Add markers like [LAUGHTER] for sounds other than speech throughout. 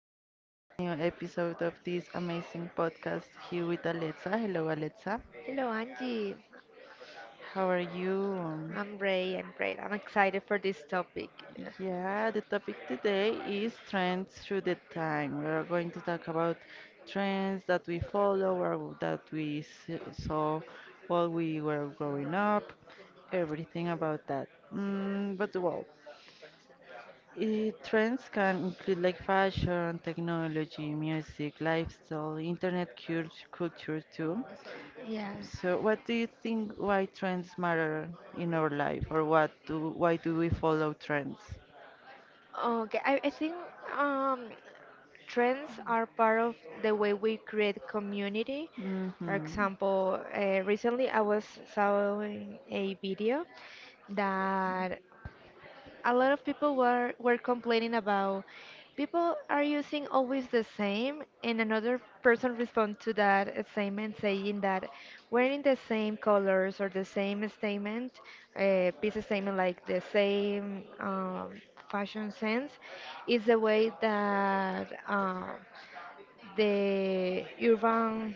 Welcome to a new episode of this amazing podcast here with Alexa. Hello, Alexa. Hello, Angie. How are you? I'm great. I'm great. I'm excited for this topic. Yeah, the topic today is trends through the time. We are going to talk about trends that we follow or that saw while we were growing up, everything about that. Mm, but well, trends can include like fashion, technology, music, lifestyle, internet culture too. Yeah. So, what do you think? Why trends matter in our life, or what do why do we follow trends? Okay. I think um, trends are part of the way we create community. For Mm-hmm. example, recently I was showing a video that a lot of people were complaining about. People are using always the same, and another person respond to that statement saying that wearing the same colors or the same statement, piece of statement, like the same fashion sense is the way that the urban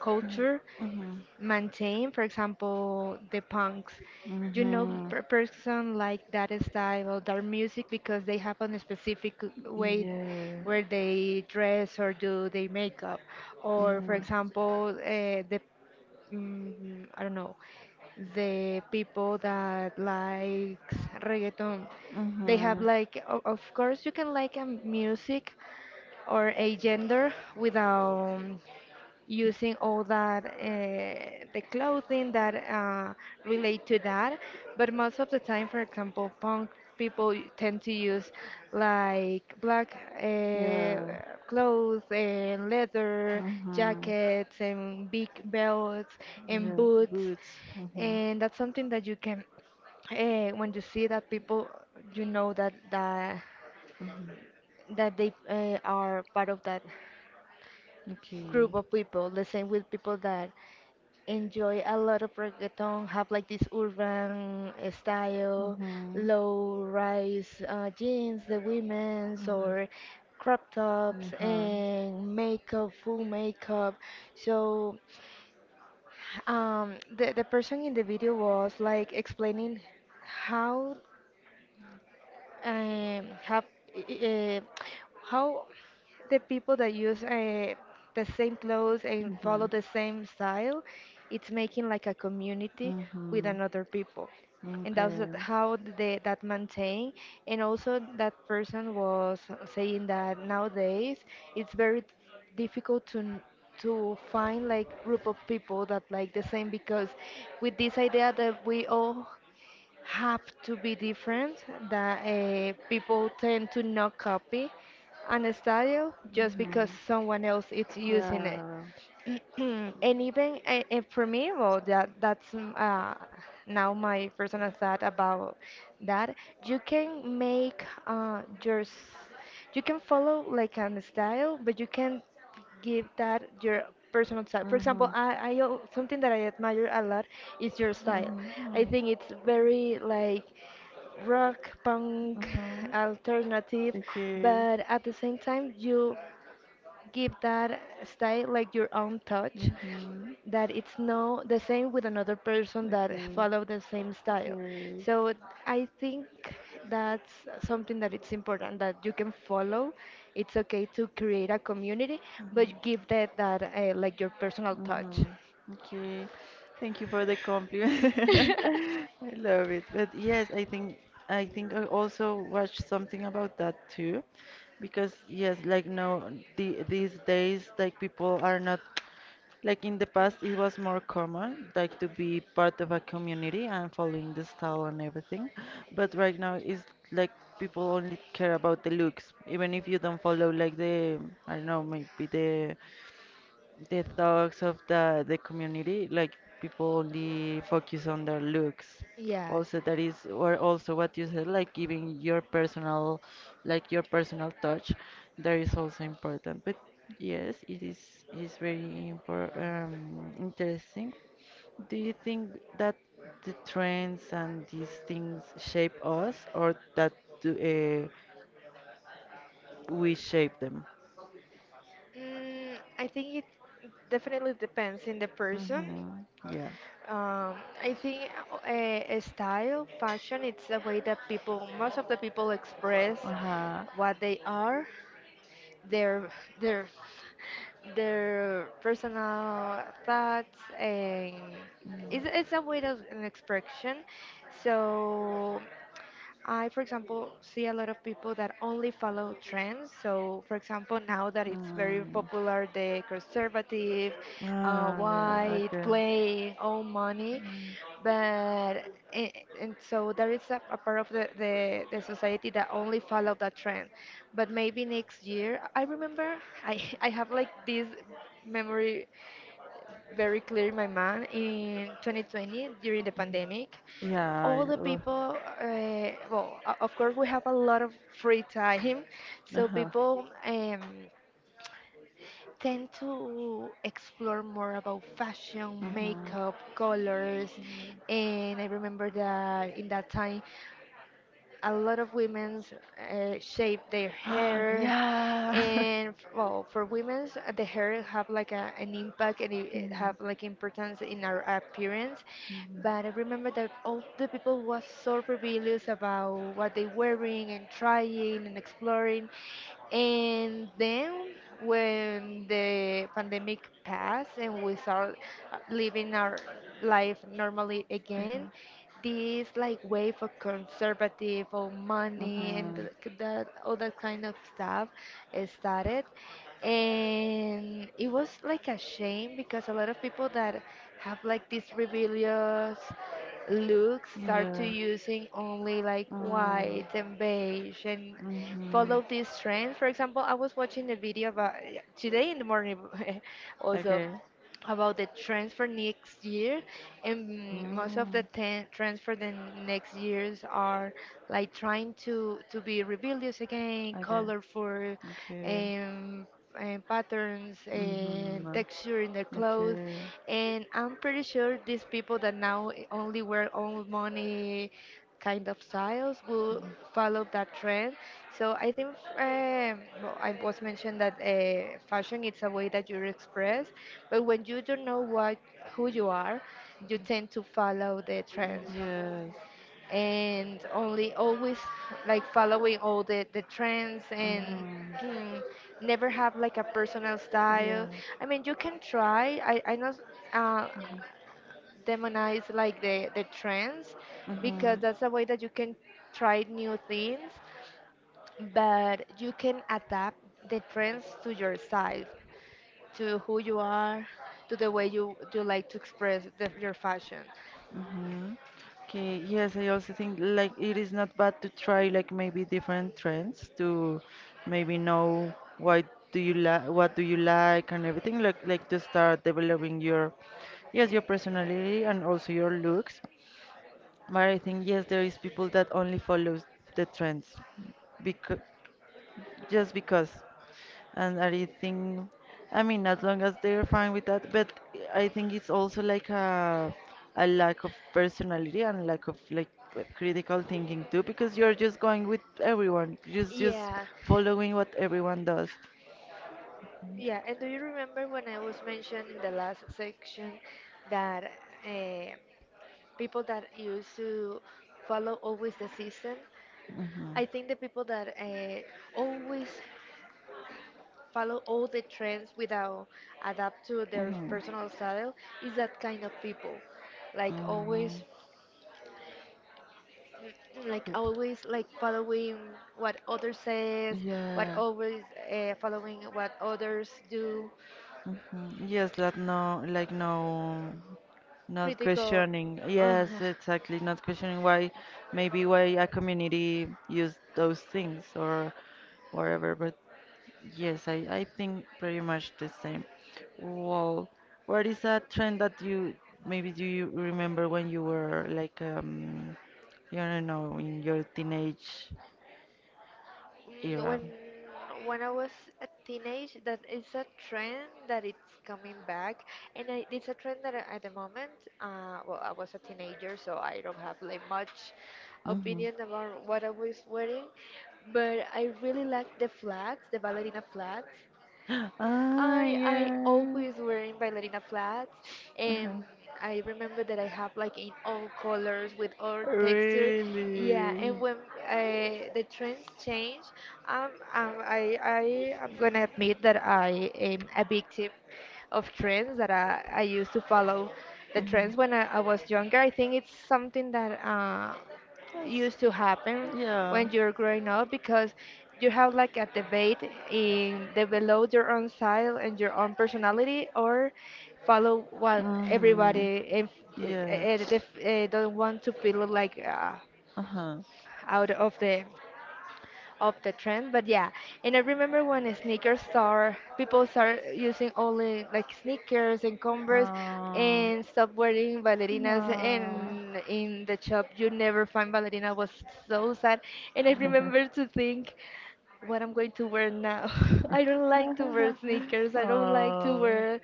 culture Mm-hmm. maintain, for example, the punks. You know, Mm-hmm. per person like that style or their music, because they have a specific way Yeah. where they dress or do their makeup, or for Mm-hmm. example, the I don't know, the people that likes reggaeton, they have Mm-hmm. like, of course, you can like a music or a gender without using all that, the clothing that relate to that. But most of the time, for example, punk people tend to use like black, uh, Yeah. clothes and leather Mm-hmm. jackets and big belts and Yeah. boots, Boots. Mm-hmm. and that's something that you can, when you see that people, you know that that Mm-hmm. that they are part of that Okay. group of people. The same with people that enjoy a lot of reggaeton, have like this urban style, Mm-hmm. low rise, jeans, the women's, Mm-hmm. or crop tops Uh-huh. and makeup, full makeup. So the person in the video was like explaining how, have uh, how the people that use the same clothes and follow the Mm-hmm. same style, it's making like a community with Mm-hmm. another people, and that's Okay. How they that maintain. And also that person was saying that nowadays it's very difficult to to find like group of people that like the same, because with this idea that we all have to be different, that people tend to not copy an style just because Mm-hmm. someone else is using it. Yeah. [CLEARS THROAT] And even and for me, well, that's now my personal thought about that. You can follow like an style, but you can give that your personal style. For example, Mhm. Something that I admire a lot is your style. I think Mhm. it's very like rock, punk, Mhm. alternative, Okay. but at the same time you give that style like your own touch, Mhm. that it's no the same with another person that Okay. follow the same style. Okay. So I think that's something that it's important, that you can follow, it's okay to create a community, but Mhm. give that like your personal touch. Mhm. Okay. Thank you for the compliment. [LAUGHS] [LAUGHS] I love it. But yes, I think I think I also watched something about that too. Because yes, like no, these days like people are not. Like in the past, it was more common, like to be part of a community and following the style and everything. But right now, it's like people only care about the looks, even if you don't follow I don't know, maybe the thoughts of the community, like people only focus on their looks. Yes. Also that is, or also what you said, like giving your personal, like your personal touch, that is also important. But yes, it is very interesting. Do you think that the trends and these things shape us, or that do, uh, we shape them? I think it definitely depends in the person. Hmm. Yeah. Um, I think a, style, fashion, it's a way that people, most of the people, express Uh-huh. what they are, their their personal thoughts, and it's a Mm. way of an expression. So I, for example, see a lot of people that only follow trends. So, for example, now that it's very popular, the conservative, Ah, yeah, white, okay. play, own money, Mm. but and so there is a part of the society that only follow that trend. But maybe next year, I remember, [LAUGHS] I have like this memory very clear in my mind in 2020 during the pandemic. Yeah, All the ugh. people, well, of course we have a lot of free time, so Uh-huh. people tend to explore more about fashion, makeup, Uh-huh. colors, and I remember that in that time a lot of women shape their [GASPS] hair, Yeah. [LAUGHS] and well, for women the hair have like an impact, and it, Mhm, it have mhm, like importance in our appearance. mhm, But I remember that all the people was so rebellious about what they wearing and trying and exploring, and then when the pandemic passed and we start living our life normally again, this like way for conservative or money and that, all that kind of stuff, started. And it was like a shame because a lot of people that have like these rebellious looks mhm. start to Yeah. using only like Mm, white and beige and mhm. follow these trends. For example, I was watching a video about, today in the morning, [LAUGHS] also, Okay. about the transfer next year, and most of the Mm. ten transfer, the next years, are like trying to be rebellious again, Okay. colorful, Okay. um, and patterns and Mm-hmm. texture in their clothes, Okay. and I'm pretty sure these people that now only wear old money kind of styles will follow that trend. So I think, well, I was mentioned that fashion, it's a way that you express, but when you don't know what, who you are, you tend to follow the trends, Yes. Mm-hmm. and only always like following all the trends and mm, never have like a personal Yeah. style. I mean, you can try. I not uh, Mhm. demonize like the trends, Mm-hmm. because that's a way that you can try new things, but you can adapt the trends to your size, to who you are, to the way you like to express your fashion. Hmm. Okay, yes, I also think like it is not bad to try like maybe different trends to maybe know why do you like what do you like and everything, like to start developing your, yes, your personality and also your looks. But I think yes, there is people that only follows the trends just because. And I think, I mean, as long as they're fine with that. But I think it's also like a lack of personality and lack of like critical thinking too, because you're just going with everyone, just Yeah. following what everyone does. Yeah, and do you remember when I was mentioned in the last section that uh, people that used to follow always the system? Hmm. I think the people that always follow all the trends without adapt to their Hmm. personal style is that kind of people. Like Hmm. always, [CLEARS THROAT] like always, like following what others says, what Yeah. always following what others do, Hmm. Yes, like no, like no. Not critical. questioning, [LAUGHS] [SIGHS] yes, exactly. Not questioning why, maybe why a community use those things or whatever. But yes, I think pretty much the same. Well, what is a trend that you maybe, do you remember when you were like you don't know, in your teenage Mm, When era? when I was a teenage, that is a trend that it's coming back, and it's a trend that at the moment, well, I was a teenager, so I don't have like much Mm-hmm. opinion about what I was wearing, but I really like the flats, the ballerina flats. [GASPS] Ah, I yes. always wearing ballerina flats, and Uh-huh. I remember that I have like in all colors with all texture. Yeah, and Really? when the trends change, I am gonna admit that I am a victim of trends, that I used to follow the trends when I was younger. I think it's something that used to happen Yeah. when you're growing up, because you have like a debate in develop your own style and your own personality, or follow what Mm-hmm. everybody, if, eh, Yeah. eh, def- eh, don't want to feel like Uh-huh. out of the trend. But yeah, and I remember when sneakers start, people start using only like sneakers and Converse Uh, and stop wearing ballerinas. no. And in the shop, you never find ballerina, was so sad. And I remember to think what I'm going to wear now. [LAUGHS] I don't like to [LAUGHS] wear sneakers. I don't like to Oh. wear.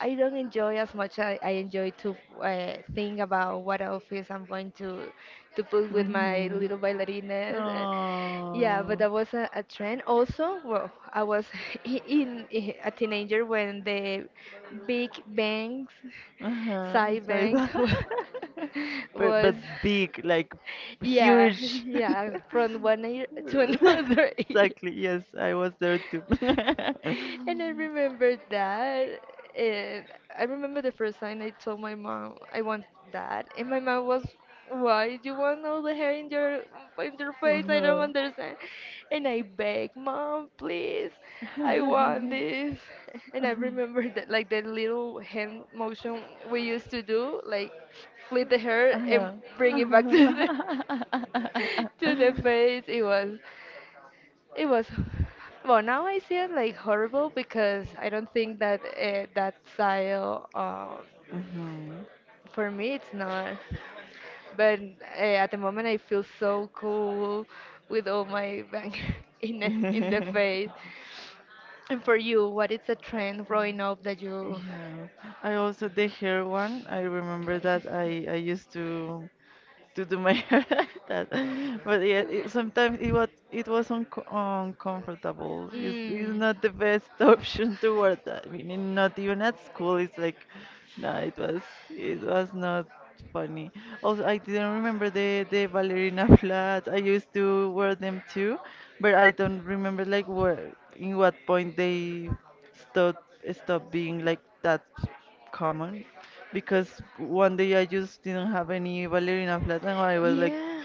I don't enjoy as much. I enjoy to think about what outfits I'm going to put with my Mm-hmm. little ballerinas. Yeah, but Oh. that was a trend. Also, well, I was [LAUGHS] in a teenager when the big bangs, [LAUGHS] Uh-huh. side Sorry, bangs, that. [LAUGHS] [LAUGHS] Was. but big, like Yeah, [LAUGHS] huge. [LAUGHS] yeah, from one ear to [LAUGHS] [LAUGHS] another ear. [LAUGHS] Exactly. Yes, I was there too. And I [LAUGHS] remember that. And I remember the first time I told my mom I want that, and my mom was, "Why do you want all the hair in your face? I don't understand." And I begged, "Mom, please, I want [LAUGHS] this." [LAUGHS] And I remember that, like the little hand motion we used to do, like flip the hair Uh and bring it back to the huh. [LAUGHS] to the [LAUGHS] face. It was, well, now I see it like horrible, because I don't think that, that style, for me, it's not. But at the moment, I feel so cool with all my bang [LAUGHS] in the, Mhm. face. [LAUGHS] And for you, what is the trend growing up that you? Yeah. I also the hair one. I remember that I used to do my [LAUGHS] hair like that. But yeah, it, sometimes it was, it was uncomfortable. It's Mm. not the best [LAUGHS] option to wear that. I mean, not even at school. It's like, no, it was, it was not funny. Also, I didn't remember the ballerina [LAUGHS] flats. I used to wear them too, but I don't remember like where in what point they stop stop being like that common, because one day I just didn't have any ballerina flats and I was Yeah.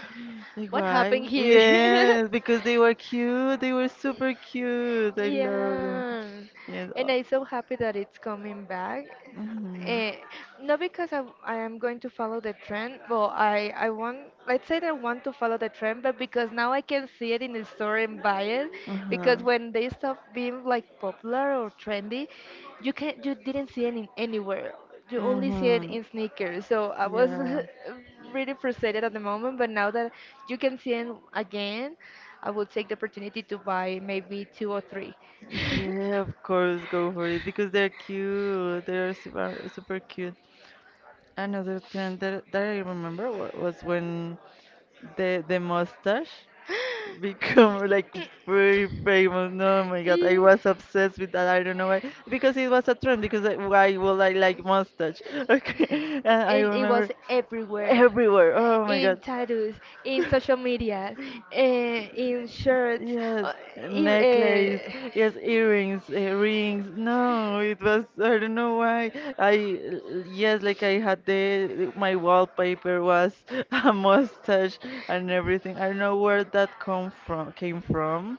like What why? happened here? [LAUGHS] Yes, because they were cute. They were super cute. I love them. Yeah, Yes. and I'm so happy that it's coming back. Hmm. Eh, not because I, am going to follow the trend, but I want, let's say that I want to follow the trend, but because now I can see it in the store and buy it, Uh-huh. because when they stop being like popular or trendy, you didn't see it in anywhere. You only see it Mm-hmm. in sneakers. So I was Yeah. [LAUGHS] really frustrated at the moment, but now that you can see it again, I will take the opportunity to buy maybe two or three. [LAUGHS] Yeah, of course, go for it because they're cute. They're super, super cute. Another trend that I remember was when the mustache [LAUGHS] become like very famous. No, oh my God, I Yeah. was obsessed with that. I don't know why, because it was a trend. Because I, why would I like mustache? [LAUGHS] Okay, and I And it remember was everywhere. everywhere. Oh my In God. tattoos, in social media, in shirts. Yes, Uh, e- necklace, uh, yes, earrings, rings. No, it was, I don't know why. Yes, like I had the, my wallpaper was [LAUGHS] a mustache and everything. I don't know where that come from, came from.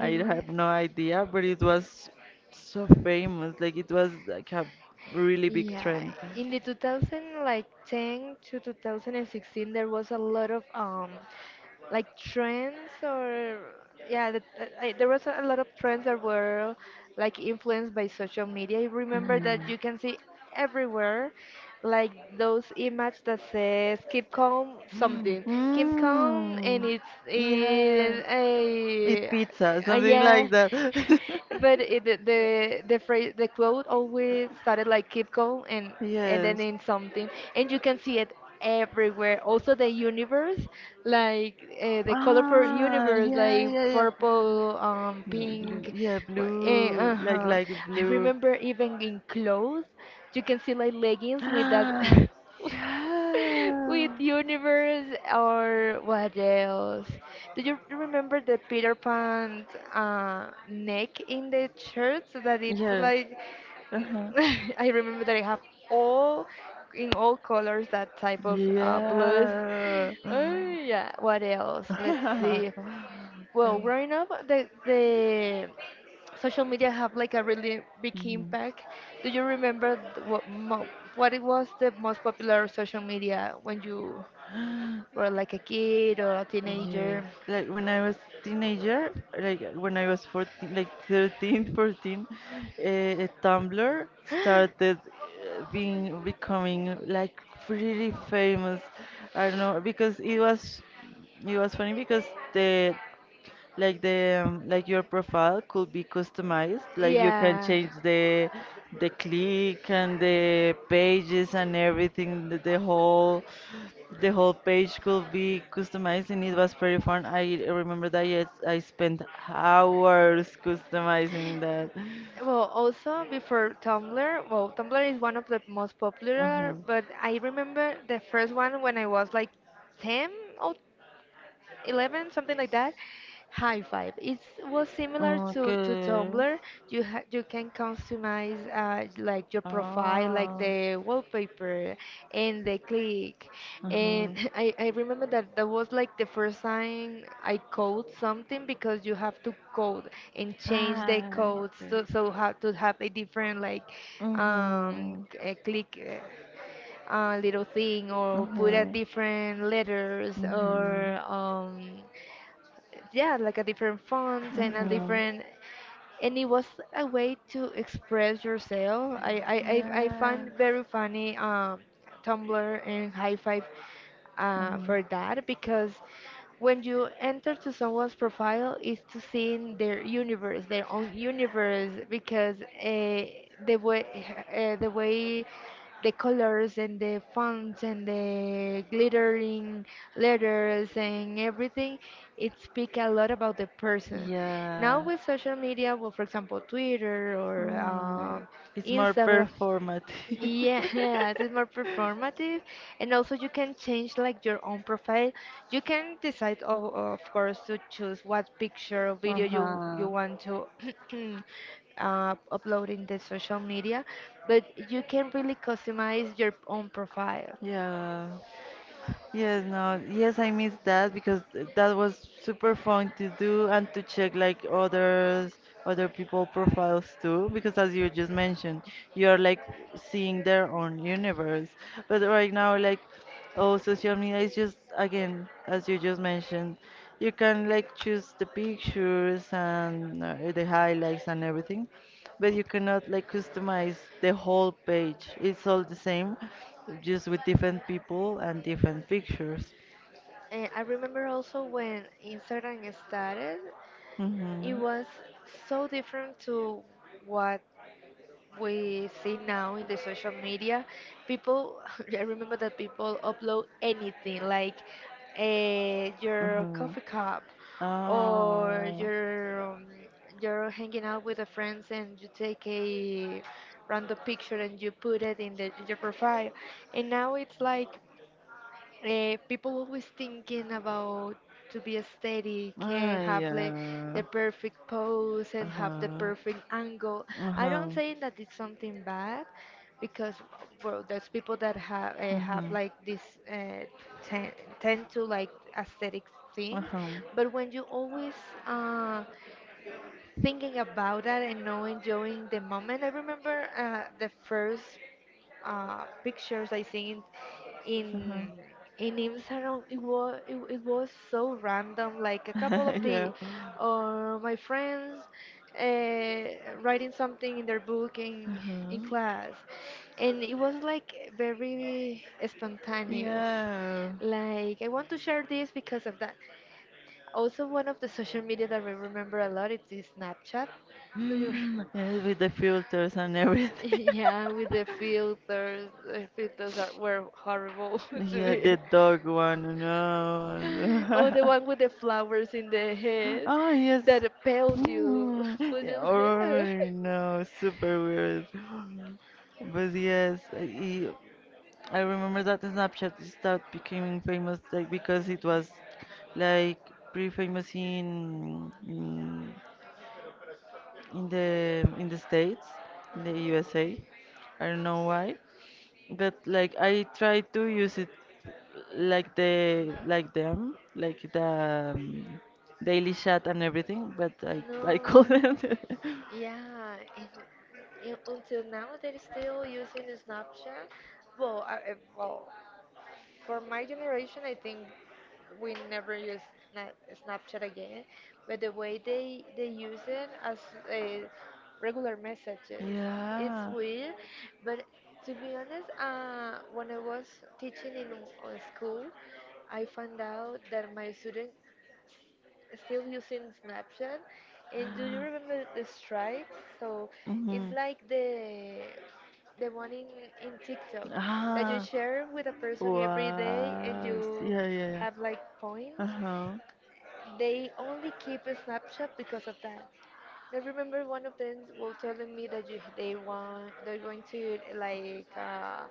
I have no idea, but it was so famous. Like it was like a really big Yeah, trend. in the 2000 like 10 to 2016, there was a lot of like trends or there was a lot of trends that were like influenced by social media. I remember Mhm. that you can see everywhere like those Like. images that says keep calm something, keep calm and Mm. it's Yeah. it, Eat a, pizza, something, yeah, yeah like that. [LAUGHS] but it, the phrase, the quote, [LAUGHS] always started like keep calm and then Yes. in something, and you can see it everywhere. Also the universe, Like like the colorful Ah, universe, yeah, like yeah, yeah. purple, um, Mm, blue, pink. yeah, Uh, blue, uh-huh. like I blue. remember even in clothes you can see like [GASPS] leggings with that. Ah, yeah. [LAUGHS] [LAUGHS] With universe, or what else? Do you remember the Peter Pan neck in the church that it's Yeah. like Uh-huh. [LAUGHS] I remember that I have all, in all colors, that type of blues. [LAUGHS] Yeah. Oh yeah, what else? Let's see. [LAUGHS] Well, growing up, the social media have like a really big impact. Do you remember what it was the most popular social media when Mhm. you were like a kid or a Yes, teenager? like when I was teenager, like when I was 14, like 13, [LAUGHS] 14, 14, Tumblr [GASPS] started being becoming like pretty famous. I don't know because it was, it was funny because the the like your profile could be customized, like you can Yeah. change the click and the pages and everything, the whole page could be customized and it was pretty fun. I remember that, yes, I spent hours customizing that. Well, also before Tumblr, well, Tumblr is one of the most Uh-huh. popular, but I remember the first one when I was like 10 or 11, something like that. High Five, it was similar to Okay. Tumblr. You can customize like your profile, like Ah. the wallpaper and the click, and Uh-huh. [LAUGHS] I remember that that was like the first time I code something, because you have to code and change the Ah. codes, so, so have to have a different like, um, Mm-hmm. Uh, a click, little thing, or put a Mm-hmm. different letters, Mm-hmm. or um, yeah, like a different font and a Mm-hmm. different, and it was a way to express yourself. I Ah. find very funny, Tumblr and High Five, Uh, for huh. that, because when you enter to someone's profile, is to see in their universe, their own universe, because uh, the way, the way, the colors and the fonts and the glittering letters and everything, it speak a lot about the person. Now Yeah. with social media, well, for example, Twitter, or Mm, um, it's more does Instagram, performative. yeah, [LAUGHS] it's more performative, and also [LAUGHS] you can change like your own profile. You can decide, of course, to choose what picture or video you Uh-huh. want to [CLEARS THROAT] upload in the social media, but you can really customize your own profile. Yeah. Yes, no, yes, I miss that because that was super fun to do and to check like others, other people profiles too. Because as you just mentioned, you're like seeing their own universe. But right now, like, oh, social media is just again, as you just mentioned. You can like choose the pictures and the highlights and everything, but you cannot like customize the whole page. It's all the same, just with different people and different pictures. And I remember also when Instagram started, it Hmm. was so different to what we see now in the social media people. [LAUGHS] I remember that people upload anything, like your Hmm. coffee cup, or Oh. your you're hanging out with the friends and you take a random picture and you put it in the, your profile, and now it's like people always thinking about to be aesthetic Uh, and have the Uh perfect pose huh. and have the Huh. perfect angle. Uh I huh. don't say that it's something bad, because well, there's people that Uh have like this uh, tend to like aesthetic things, huh. but when you always uh, thinking about that and not enjoying the moment. I remember the first pictures I seen Uh huh. in in Instagram. It was, it was so random. Like a couple of [LAUGHS] the Yeah. My friends uh, writing something in their book Uh in huh. class, and it was like very spontaneous. Yeah. Like I want to share this because of that. Also, one of the social media that I remember a lot it is the Snapchat. Do you? [LAUGHS] Mm, yes, with the filters and everything. [LAUGHS] [LAUGHS] Yeah, with the filters are, were horrible [LAUGHS] to Yeah, me. the dog one, Oh, no. the one with the [LAUGHS] flowers in the head Oh, yes. that pale you, [LAUGHS] Mm, put yeah, your hair. [LAUGHS] oh, no, super weird. But yes, I remember that Snapchat started becoming famous like because it was like pretty famous in the States, in the USA. I don't know why, but like I tried to use it like the like them like the Ay, daily chat and everything, but no. I No, couldn't. [LAUGHS] yeah, and until now they're still using Snapchat. Well, well, for my generation, I think we never use na- Snapchat again, but the way they use it as uh, regular messages, it's Yeah. weird. But to be honest, when I was teaching in school, I found out that my student still using Snapchat. And do you remember the strikes? So it's Mhm. like the one in TikTok that you Ah, share with a person every day and wow. Sí, you yeah, yeah, yeah. have like points. Uh-huh. They only keep a Snapchat because of that. I remember one of them was telling me that you, they want they're going to like,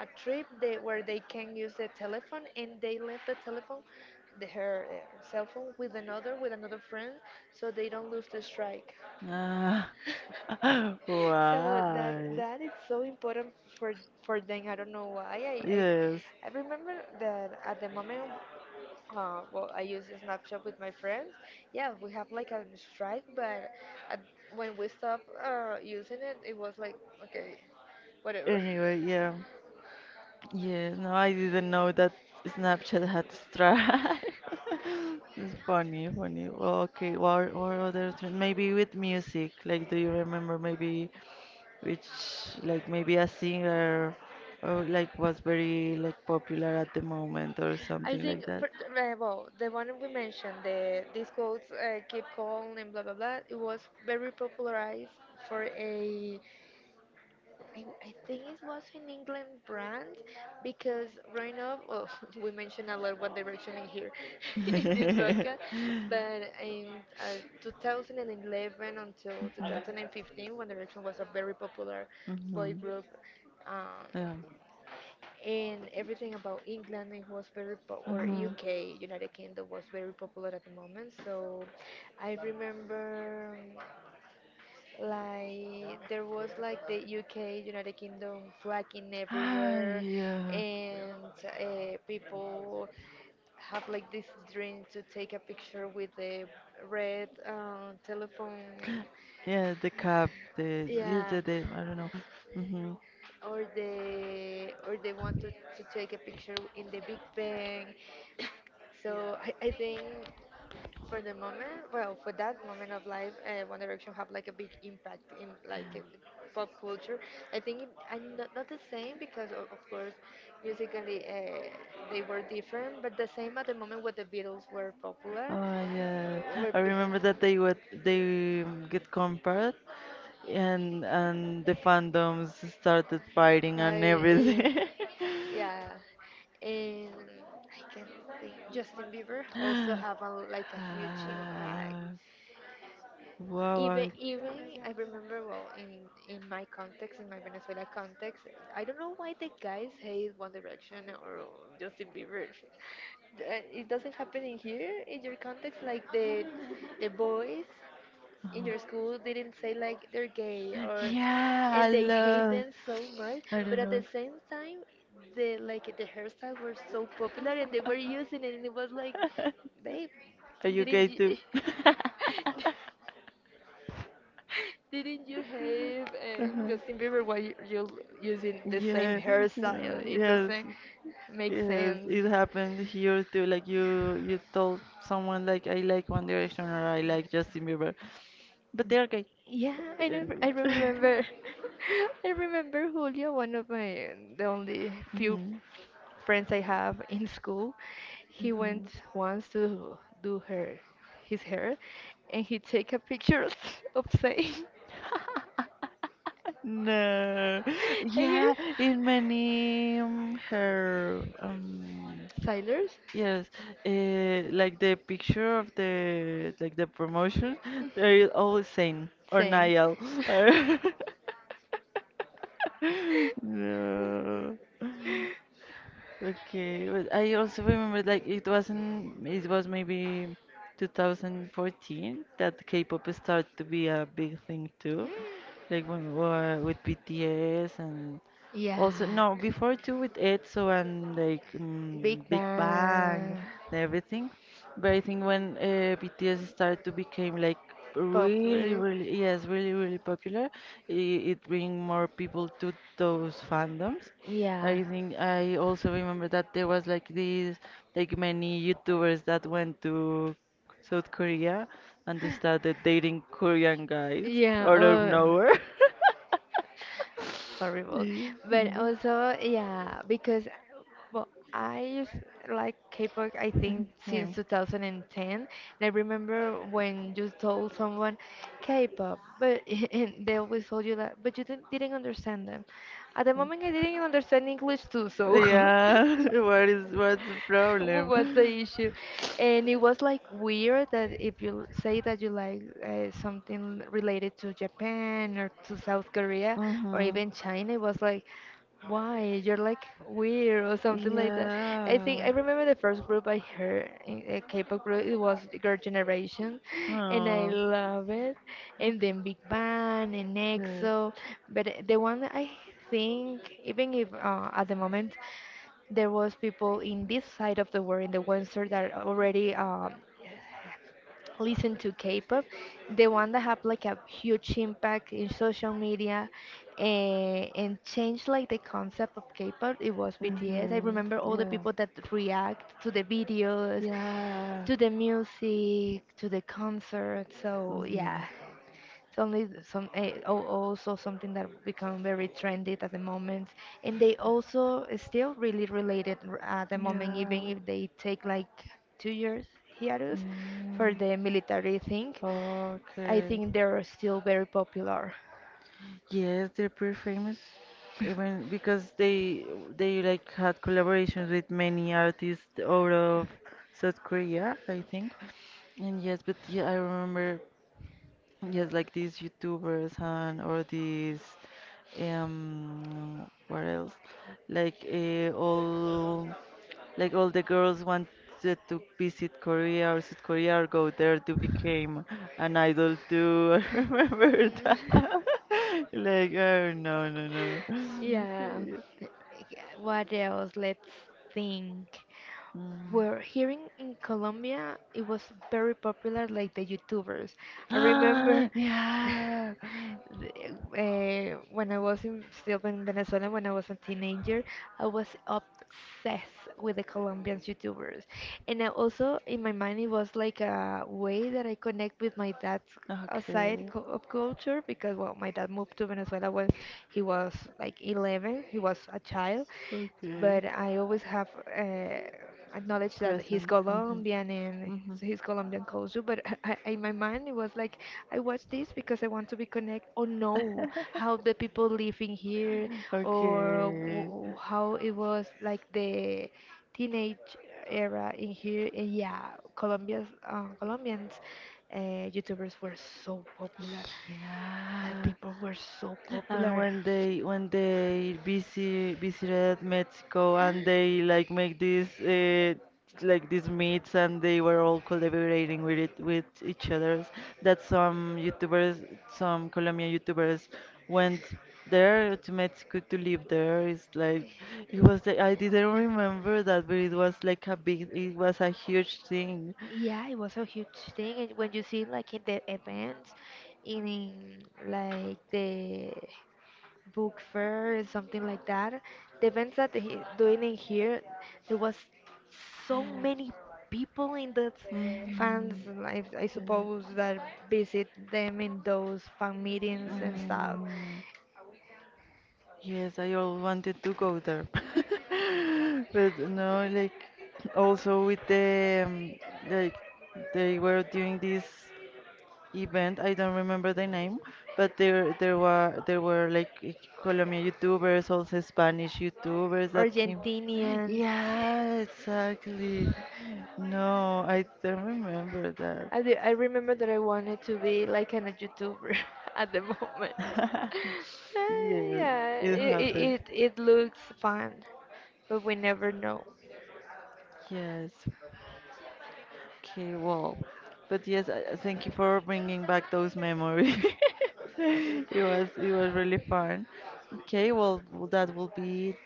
a trip they, where they can use the telephone, and they left the telephone, the, her, uh, cell phone with another, with another friend so they don't lose the strike Ah, [LAUGHS] [LAUGHS] so that, why? that is so important for for them. I don't know why. i i, Yes. I remember that at the moment, well I use Snapchat with my friends, yeah, we have like a strike, but at, when we stopped using it, it was like okay, whatever. [LAUGHS] Anyway, yeah. Yeah, no, I didn't know that Snapchat had Stripe. [LAUGHS] It's funny, funny. Well, okay, what other trend? Maybe with music. Like, do you remember maybe which, like, maybe a singer or like was very like popular at the moment or I something think, like that? but, well, the one we mentioned, the these quotes, keep calling and blah blah blah. It was very popularized for a, I think it was an England brand, because growing up, well, [LAUGHS] we mentioned a lot One Direction in here [LAUGHS] [LAUGHS] in this Mhm. podcast, but in 2011 until 2015, One Direction was a very popular boy Mhm. group. Um, Yeah. and everything about England it was very or Mhm. UK United Kingdom was very popular at the moment, so I remember like there was like the UK United Kingdom flagging Ah, everywhere, and yeah. people have like this dream to take a picture with the red telephone, Yeah, the, yeah, yeah, the, I don't know. Hmm. or they, or they want to take a picture in the Big Bang, so I think, for the moment, well, for that moment of life, One Direction have like a big impact in, like in pop culture. I think it, I'm not, not the same because of course, musically they were different, but the same at the moment when the Beatles were popular, Oh yeah, were I b- remember that they get compared, and the fandoms started fighting and Quite, everything. [LAUGHS] yeah, yeah. And I can think Justin Bieber also have a, like a huge impact, Ah, wow, even, I, even, I remember well in my context, in my Venezuela context, I don't know why the guys hate One Direction or Justin Bieber. It doesn't happen in here in your context, like the boys in your school uh-huh. didn't say like they're gay, or Yeah, I and they hate love. them so much, I don't but at the know. [LAUGHS] same time, the, like the hairstyle were so popular and they were using it, and it was like, babe, Are you gay didn't you too? [LAUGHS] [LAUGHS] didn't you have, Huh. Justin Bieber while you're using the same Yeah, hairstyle? uh, It yes, doesn't make yes, sense. it happened here too. Like you told someone like I like One Direction or I like Justin Bieber, but they're gay. Yeah, I never, And- I [LAUGHS] remember. [LAUGHS] I remember Julio, one of my, the only few Mhm, friends I have in school. He mhm. went once to do her, his hair, and he take a picture of [LAUGHS] of saying, [LAUGHS] [LAUGHS] No, and he, yeah, in many her Tyler's. Yes, like the picture of the like the promotion, they're always saying or Same. Niall. Or- [LAUGHS] [LAUGHS] No. Okay, but I also remember like it wasn't, it was maybe 2014 that K-pop started to be a big thing too, like when we were with BTS and also, Yeah. no, before too with ETSO and like Big mm, Big Bang Bang. and everything. But I think when BTS started to became like Purple. Yes, really, really popular, it bring more people to those fandoms. Yeah. I think I also remember that there was like these like many YouTubers that went to South Korea and they started dating Korean guys Yeah. out of Oh. nowhere. [LAUGHS] Horrible. Yeah. But also, yeah, because well, I used like K-pop. I think since Hey. 2010. And I remember when you told someone K-pop, but [LAUGHS] and they always told you that, but you didn't understand them. At the moment, I didn't understand English too, so. [LAUGHS] Yeah, [LAUGHS] what's the [LAUGHS] problem? What's the issue? And it was like weird that if you say that you like, something related to Japan or to South Korea or Mm-hmm. even China, it was like, why? You're like weird or something like that. I think I Yeah. remember the first group I heard, a K-pop group, it was Girl Generation, and I Oh, love it. And then Big Bang and yes. EXO, but the one I think, even if at the moment there was people in this side of the world in the western that already listen to K-pop, the one that have like a huge impact in social media and change like the concept of K-pop, it was BTS. I Mm-hmm. remember all the Yeah. people that react to the videos, Yeah. to the music, to the concert. So Mm-hmm. yeah, suddenly, some, eh, al- also something that become very trendy at the moment, and they also is still really related at the moment, even Yeah. if they take like 2 years hiatus for Mm. the military thing. I Okay. think they're still very popular. Yes, they're pretty famous, [LAUGHS] even because they like had collaborations with many artists out of South Korea, I think. And yes, but yeah, I remember, yes, like these YouTubers and or these what else? Like all like all the girls wanted to visit Korea or South Korea or go there to become an idol too. [LAUGHS] I remember that. Mm. [LAUGHS] Like, oh [LAUGHS] no, no, no. Yeah. Yeah, what else? Let's think. Mm. Were here in Colombia, it was very popular, like the YouTubers. I remember [GASPS] Yeah. [LAUGHS] When I was in, still in Venezuela, when I was a teenager, I was obsessed with the Colombian YouTubers. And I also, in my mind, it was like a way that I connect with my dad's Okay. Of culture, because, well, my dad moved to Venezuela when he was like 11, he was a child, Okay. but I always have acknowledged that he's Present. Hmm. Colombian, and Hmm. so he's Colombian culture. But [LAUGHS] in my mind, it was like I watch this because I want to be connect or know how the [LAUGHS] people living here, or Okay. How it was like the teenage era in here. And yeah, Colombia's Colombians uh, YouTubers were so popular. That Yeah. people were so And popular. when they, when they visited Mexico and they like make this like these meets and they were all collaborating with it with each others, that some YouTubers, some Colombian YouTubers went there to Mexico to live there. It's like, it was like, I didn't remember that, but it was like a big, it was a huge thing. Yeah, it was a huge thing, and when you see like in the events, in like the book fair, something like that, the events that they doing in here, there was so many people in that fans, Mhm. and I Yeah. suppose that visit them in those fan meetings and stuff. Mm. Yes, I all wanted to go there. [LAUGHS] But no, like also with the like they were doing this event, I don't remember the name, but there were, there were like Colombian YouTubers, also Spanish YouTubers that came. Argentinians, Yeah, exactly. No, I don't remember that. I, do, I remember that I wanted to be like an, a YouTuber [LAUGHS] at the moment. [LAUGHS] [LAUGHS] Yes, yeah, it it, it, happened. it it looks fun, but we never know. Yes. Okay, well, but yes, I thank you for bringing back those memories. [LAUGHS] It was, it was really fun. Okay, well, that will be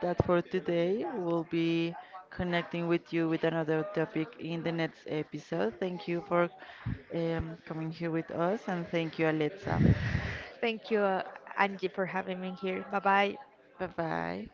that for today. We'll be connecting with you with another topic in the next episode. Thank you for coming here with us, and thank you, Alexa. [LAUGHS] Thank you, Angie, for having me here. Bye bye. Bye bye.